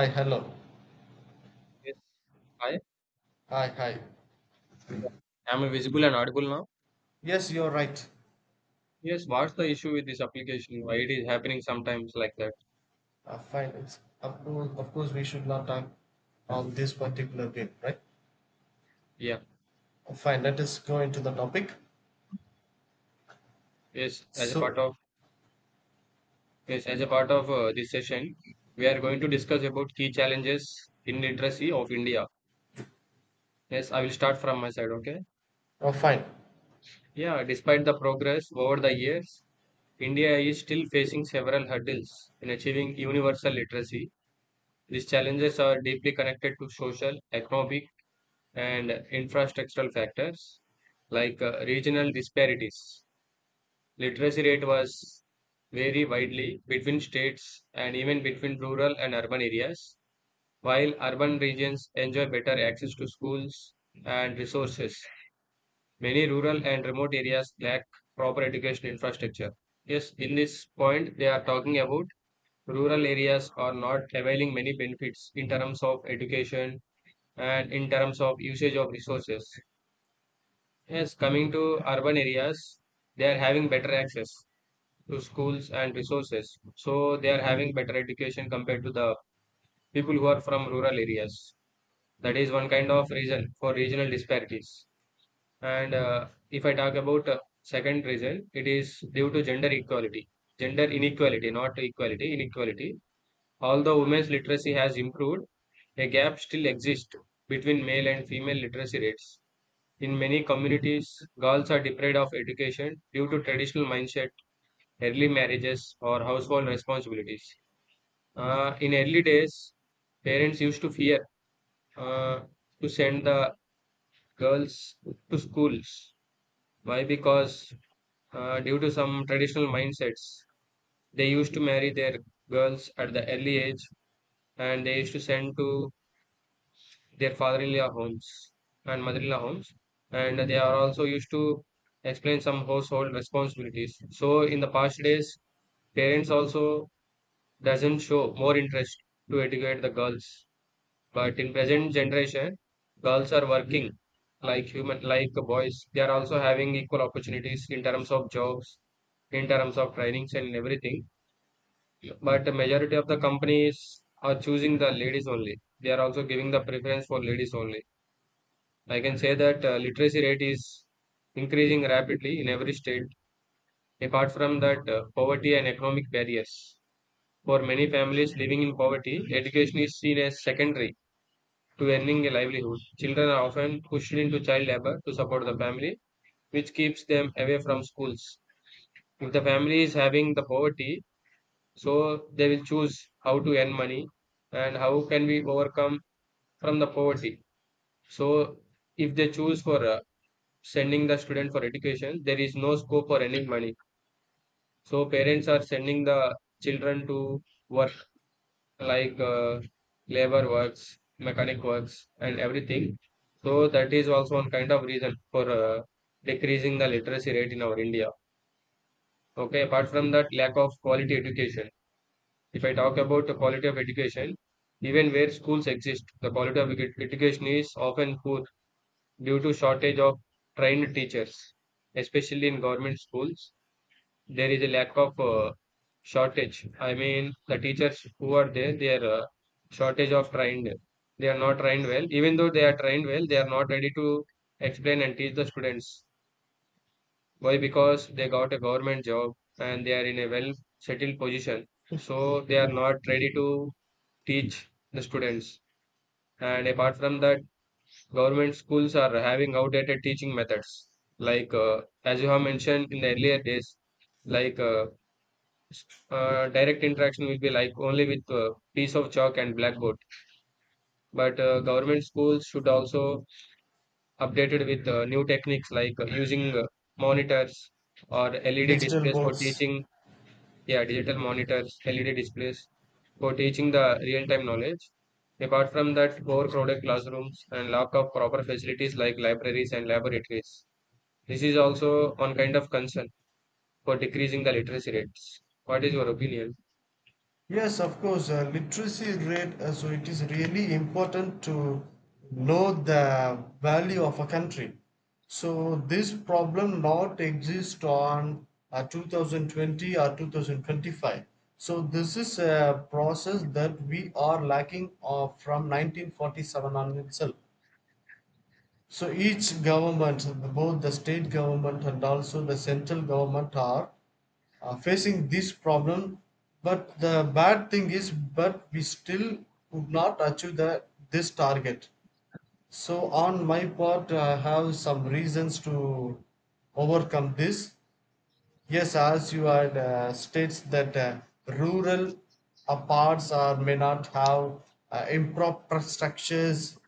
Hi, hello. Yes. Hi. Hi, hi. Yeah. Am I visible and audible now? Yes, you're right. Yes. What's the issue with this application? Why it is happening sometimes like that? Fine. It's, of course, we should not talk on this particular bill, right? Yeah. Fine. Let us go into the topic. Yes. As a part So, of yes, as a part of this session, we are going to discuss about key challenges in literacy of India. Yes, I will start from my side. Okay. Fine. Yeah. Despite the progress over the years, India is still facing several hurdles in achieving universal literacy. These challenges are deeply connected to social, economic, and infrastructural factors like regional disparities. Literacy rate was vary widely between states and even between rural and urban areas, while urban regions enjoy better access to schools and resources. Many rural and remote areas lack proper education infrastructure. Yes, in this point, they are talking about rural areas are not availing many benefits in terms of education and in terms of usage of resources. Yes, coming to urban areas, they are having better access to schools and resources. So they are having better education compared to the people who are from rural areas. That is one kind of reason for regional disparities. And if I talk about second reason, it is due to gender inequality, not equality, inequality. Although women's literacy has improved, a gap still exists between male and female literacy rates in many communities, girls are deprived of education due to traditional mindset, early marriages, or household responsibilities. In early days, parents used to fear uh, to send the girls to schools. Why? Because due to some traditional mindsets, they used to marry their girls at the early age and they used to send to their father-in-law homes and mother-in-law homes, and they are also used to explain some household responsibilities. So in the past days, parents also doesn't show more interest to educate the girls. But in present generation, girls are working like human like boys. They are also having equal opportunities in terms of jobs, in terms of trainings and everything. But the majority of the companies are choosing the ladies only. They are also giving the preference for ladies only. I can say that literacy rate is increasing rapidly in every state. Apart from that, poverty and economic barriers. For many families living in poverty, education is seen as secondary to earning a livelihood. Children are often pushed into child labor to support the family, which keeps them away from schools. If the family is having the poverty, so they will choose how to earn money and how can we overcome from the poverty. So if they choose for sending the student for education, there is no scope for any money, so parents are sending the children to work like labor works, mechanic works and everything. So that is also one kind of reason for decreasing the literacy rate in our India. Okay, apart from that, lack of quality education. If I talk about the quality of education, even where schools exist, the quality of education is often poor due to shortage of trained teachers, especially in government schools. There is a lack of shortage. I mean, the teachers who are there, they are shortage of trained. They are not trained well. Even though they are trained well, they are not ready to explain and teach the students. Why? Because they got a government job and they are in a well settled position. So they are not ready to teach the students. And apart from that, government schools are having outdated teaching methods. Like as you have mentioned in the earlier days, like uh, Yes. Direct interaction will be like only with piece of chalk and blackboard, but government schools should also updated with new techniques like using monitors or LED Digital displays for boards. teaching. Yeah, digital monitors, LED displays for teaching the real time knowledge. Apart from that, overcrowded classrooms and lack of proper facilities like libraries and laboratories, this is also one kind of concern for decreasing the literacy rates. What is your opinion? Yes, of course, literacy rate, so it is really important to know the value of a country. So this problem not exist on 2020 or 2025. So this is a process that we are lacking of from 1947 on itself. So each government, both the state government and also the central government, are facing this problem. But the bad thing is, but we still would not achieve this target. So on my part, I have some reasons to overcome this. Yes, as you had states that rural parts are may not have improper structures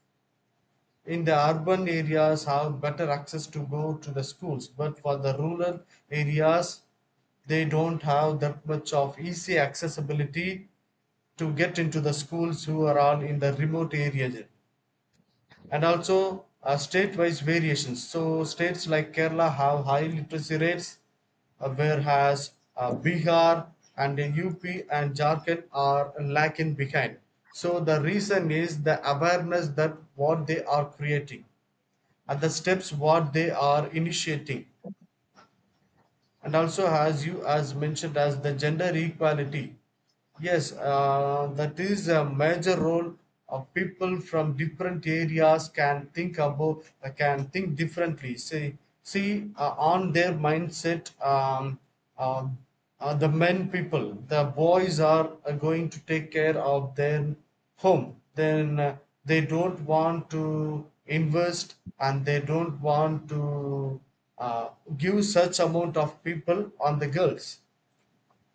in the urban areas have better access to go to the schools, but for the rural areas they don't have that much of easy accessibility to get into the schools who are all in the remote areas. And also state wise variations, so states like Kerala have high literacy rates, whereas Bihar and the UP and Jharkhand are lacking behind. So the reason is the awareness that what they are creating. At the steps what they are initiating, and also has you as mentioned as the gender equality. Yes, that is a major role of people from different areas can think about, can think differently. See, on their mindset. Uh, the men people, the boys are going to take care of their home. Then they don't want to invest and they don't want to uh, give such amount of people on the girls,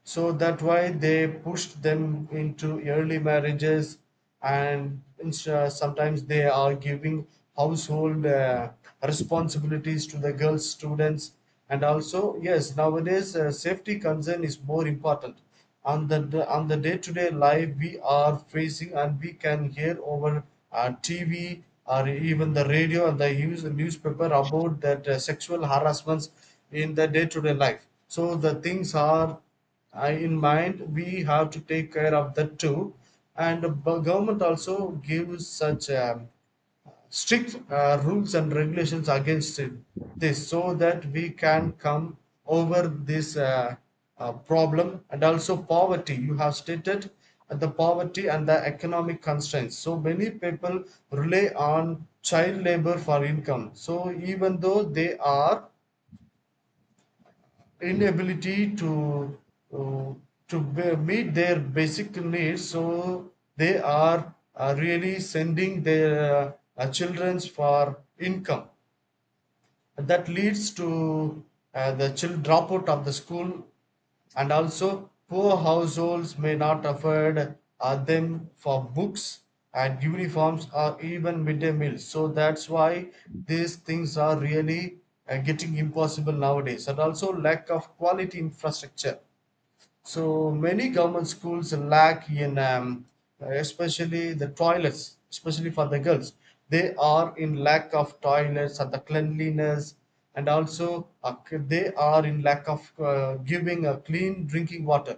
so that why they pushed them into early marriages, and sometimes they are giving household responsibilities to the girls students. And also, yes, nowadays, safety concern is more important on the day to day life we are facing, and we can hear over TV or even the radio and the news newspaper about that sexual harassments in the day to day life. So the things are, in mind, we have to take care of that too. And the government also gives such strict rules and regulations against it, this so that we can come over this problem. And also poverty. You have stated the poverty and the economic constraints. So many people rely on child labor for income. So even though they are inability to uh, meet their basic needs, so are really sending their children for income, that leads to the child dropout of the school. And also poor households may not afford them for books and uniforms or even midday meals, so that's why these things are really getting impossible nowadays. And also lack of quality infrastructure, so many government schools lack in, especially the toilets, especially for the girls. They are in lack of toilets and the cleanliness, and also they are in lack of giving a clean drinking water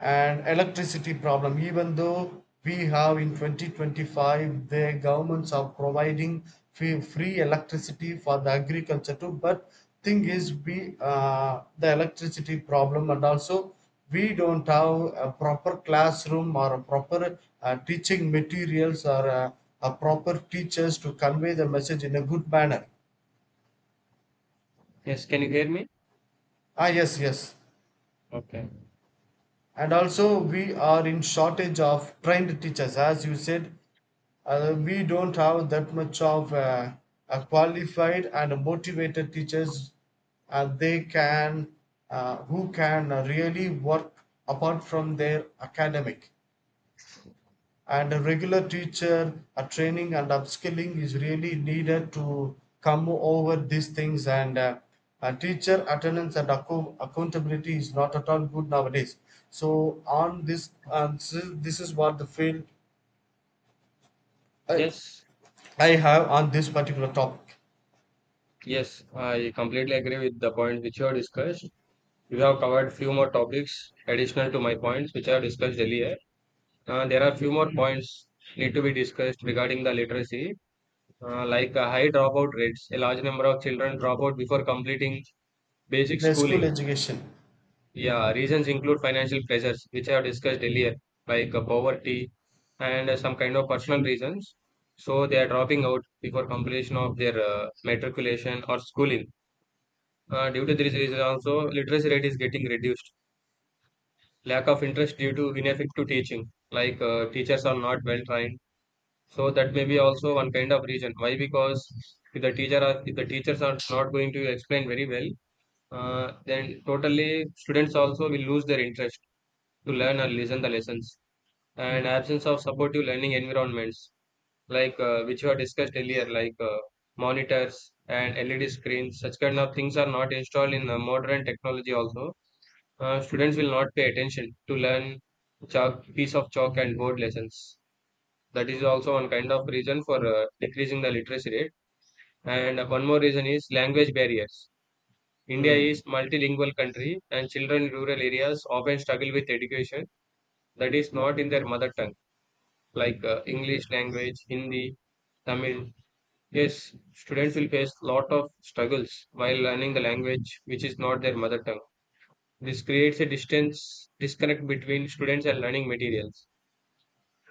and electricity problem, even though we have in 2025 the governments are providing free electricity for the agriculture too. But thing is we, the electricity problem, and also we don't have a proper classroom or a proper teaching materials or a proper teachers to convey the message in a good manner. Yes, can you hear me? Ah, yes, yes. Okay. And also we are in shortage of trained teachers, as you said. We don't have that much of a qualified and motivated teachers, and they can who can really work apart from their academic, and a regular teacher a training and upskilling is really needed to come over these things. And teacher attendance and accountability is not at all good nowadays. So on this, and this is what the field I, Yes, I have on this particular topic. yes, I completely agree with the point which you have discussed. We have covered few more topics additional to my points which I have discussed earlier. There are few more points need to be discussed regarding the literacy, high dropout rates. A large number of children drop out before completing basic The school schooling. education. Yeah, reasons include financial pressures, which I have discussed earlier, like poverty and some kind of personal reasons. So they are dropping out before completion of their matriculation or schooling. Due to this reason, also literacy rate is getting reduced. Lack of interest due to ineffective teaching, like teachers are not well trained. So that may be also one kind of reason. Why? Because if the teachers are not going to explain very well, then totally students also will lose their interest to learn or listen the lessons. And absence of supportive learning environments, like which were discussed earlier, like monitors and LED screens, such kind of things are not installed in the modern technology also. Students will not pay attention to learn chalk, piece of chalk and board lessons. That is also one kind of reason for decreasing the literacy rate. And one more reason is language barriers. India Hmm. is multilingual country and children in rural areas often struggle with education that is not in their mother tongue, like English language, Hindi, Tamil. Yes, students will face lot of struggles while learning the language which is not their mother tongue. This creates a distance disconnect between students and learning materials.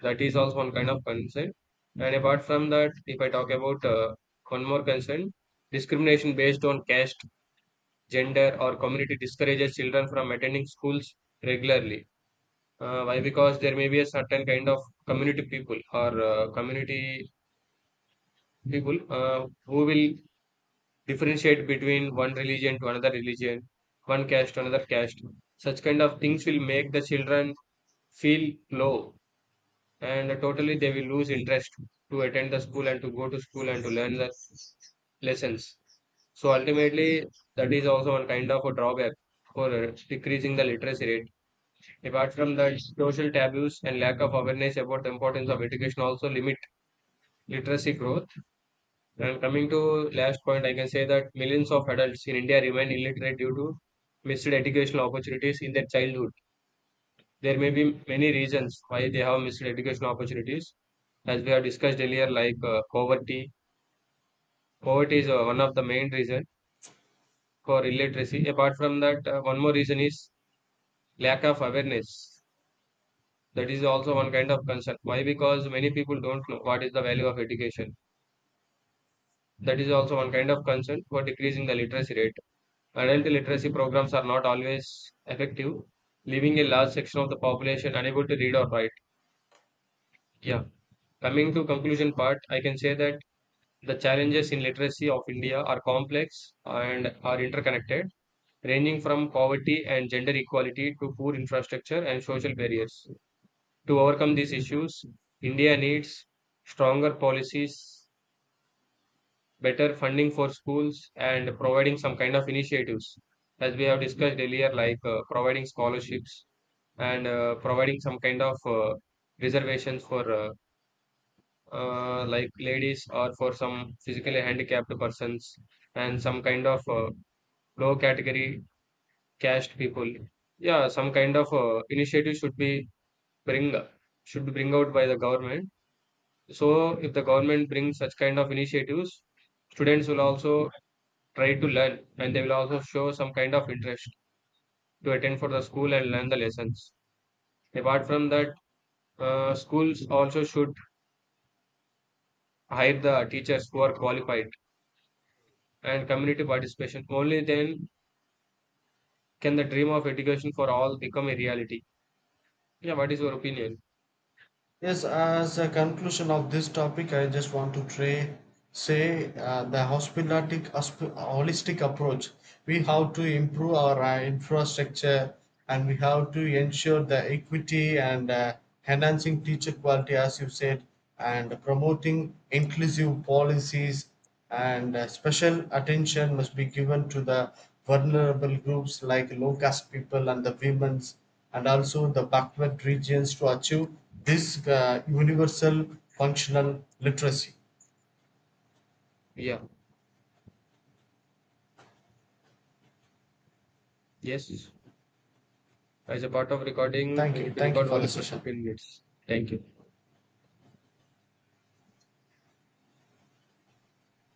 That is also one kind of concern. And apart from that, if I talk about one more concern, discrimination based on caste, gender, or community discourages children from attending schools regularly. Why? Because there may be a certain kind of community people who will differentiate between one religion to another religion, one caste to another caste. Such kind of things will make the children feel low and totally they will lose interest to attend the school and to go to school and to learn the lessons. So ultimately, that is also a kind of a drawback for decreasing the literacy rate. Apart from the social taboos and lack of awareness about the importance of education, also limit literacy growth. And coming to last point, I can say that millions of adults in India remain illiterate due to missed educational opportunities in their childhood. There may be many reasons why they have missed education opportunities. As we have discussed earlier, like poverty. Poverty is one of the main reason for illiteracy. Apart from that, one more reason is lack of awareness. That is also one kind of concern. Why? Because many people don't know what is the value of education. That is also one kind of concern for decreasing the literacy rate. Adult literacy programs are not always effective, leaving a large section of the population unable to read or write. Yeah. Coming to conclusion part, I can say that the challenges in literacy of India are complex and are interconnected, ranging from poverty and gender equality to poor infrastructure and social barriers. To overcome these issues, India needs stronger policies, better funding for schools, and providing some kind of initiatives, as we have discussed earlier, like providing scholarships and providing some kind of reservations for like ladies or for some physically handicapped persons and some kind of low category caste people. Yeah, some kind of initiative bring should be bring out by the government. So if the government brings such kind of initiatives, students will also try to learn and they will also show some kind of interest to attend for the school and learn the lessons. Apart from that, schools also should hire the teachers who are qualified and community participation, only then can the dream of education for all become a reality? Yeah, what is your opinion? Yes, as a conclusion of this topic, I just want to say holistic approach. We have to improve our infrastructure, and we have to ensure the equity and enhancing teacher quality, as you said, and promoting inclusive policies, and special attention must be given to the vulnerable groups like low caste people and the women's, and also the backward regions to achieve this universal functional literacy. Yeah, yes. As a part of recording, Thank we you, need to thank record you for the only for session. 15 minutes. Thank you.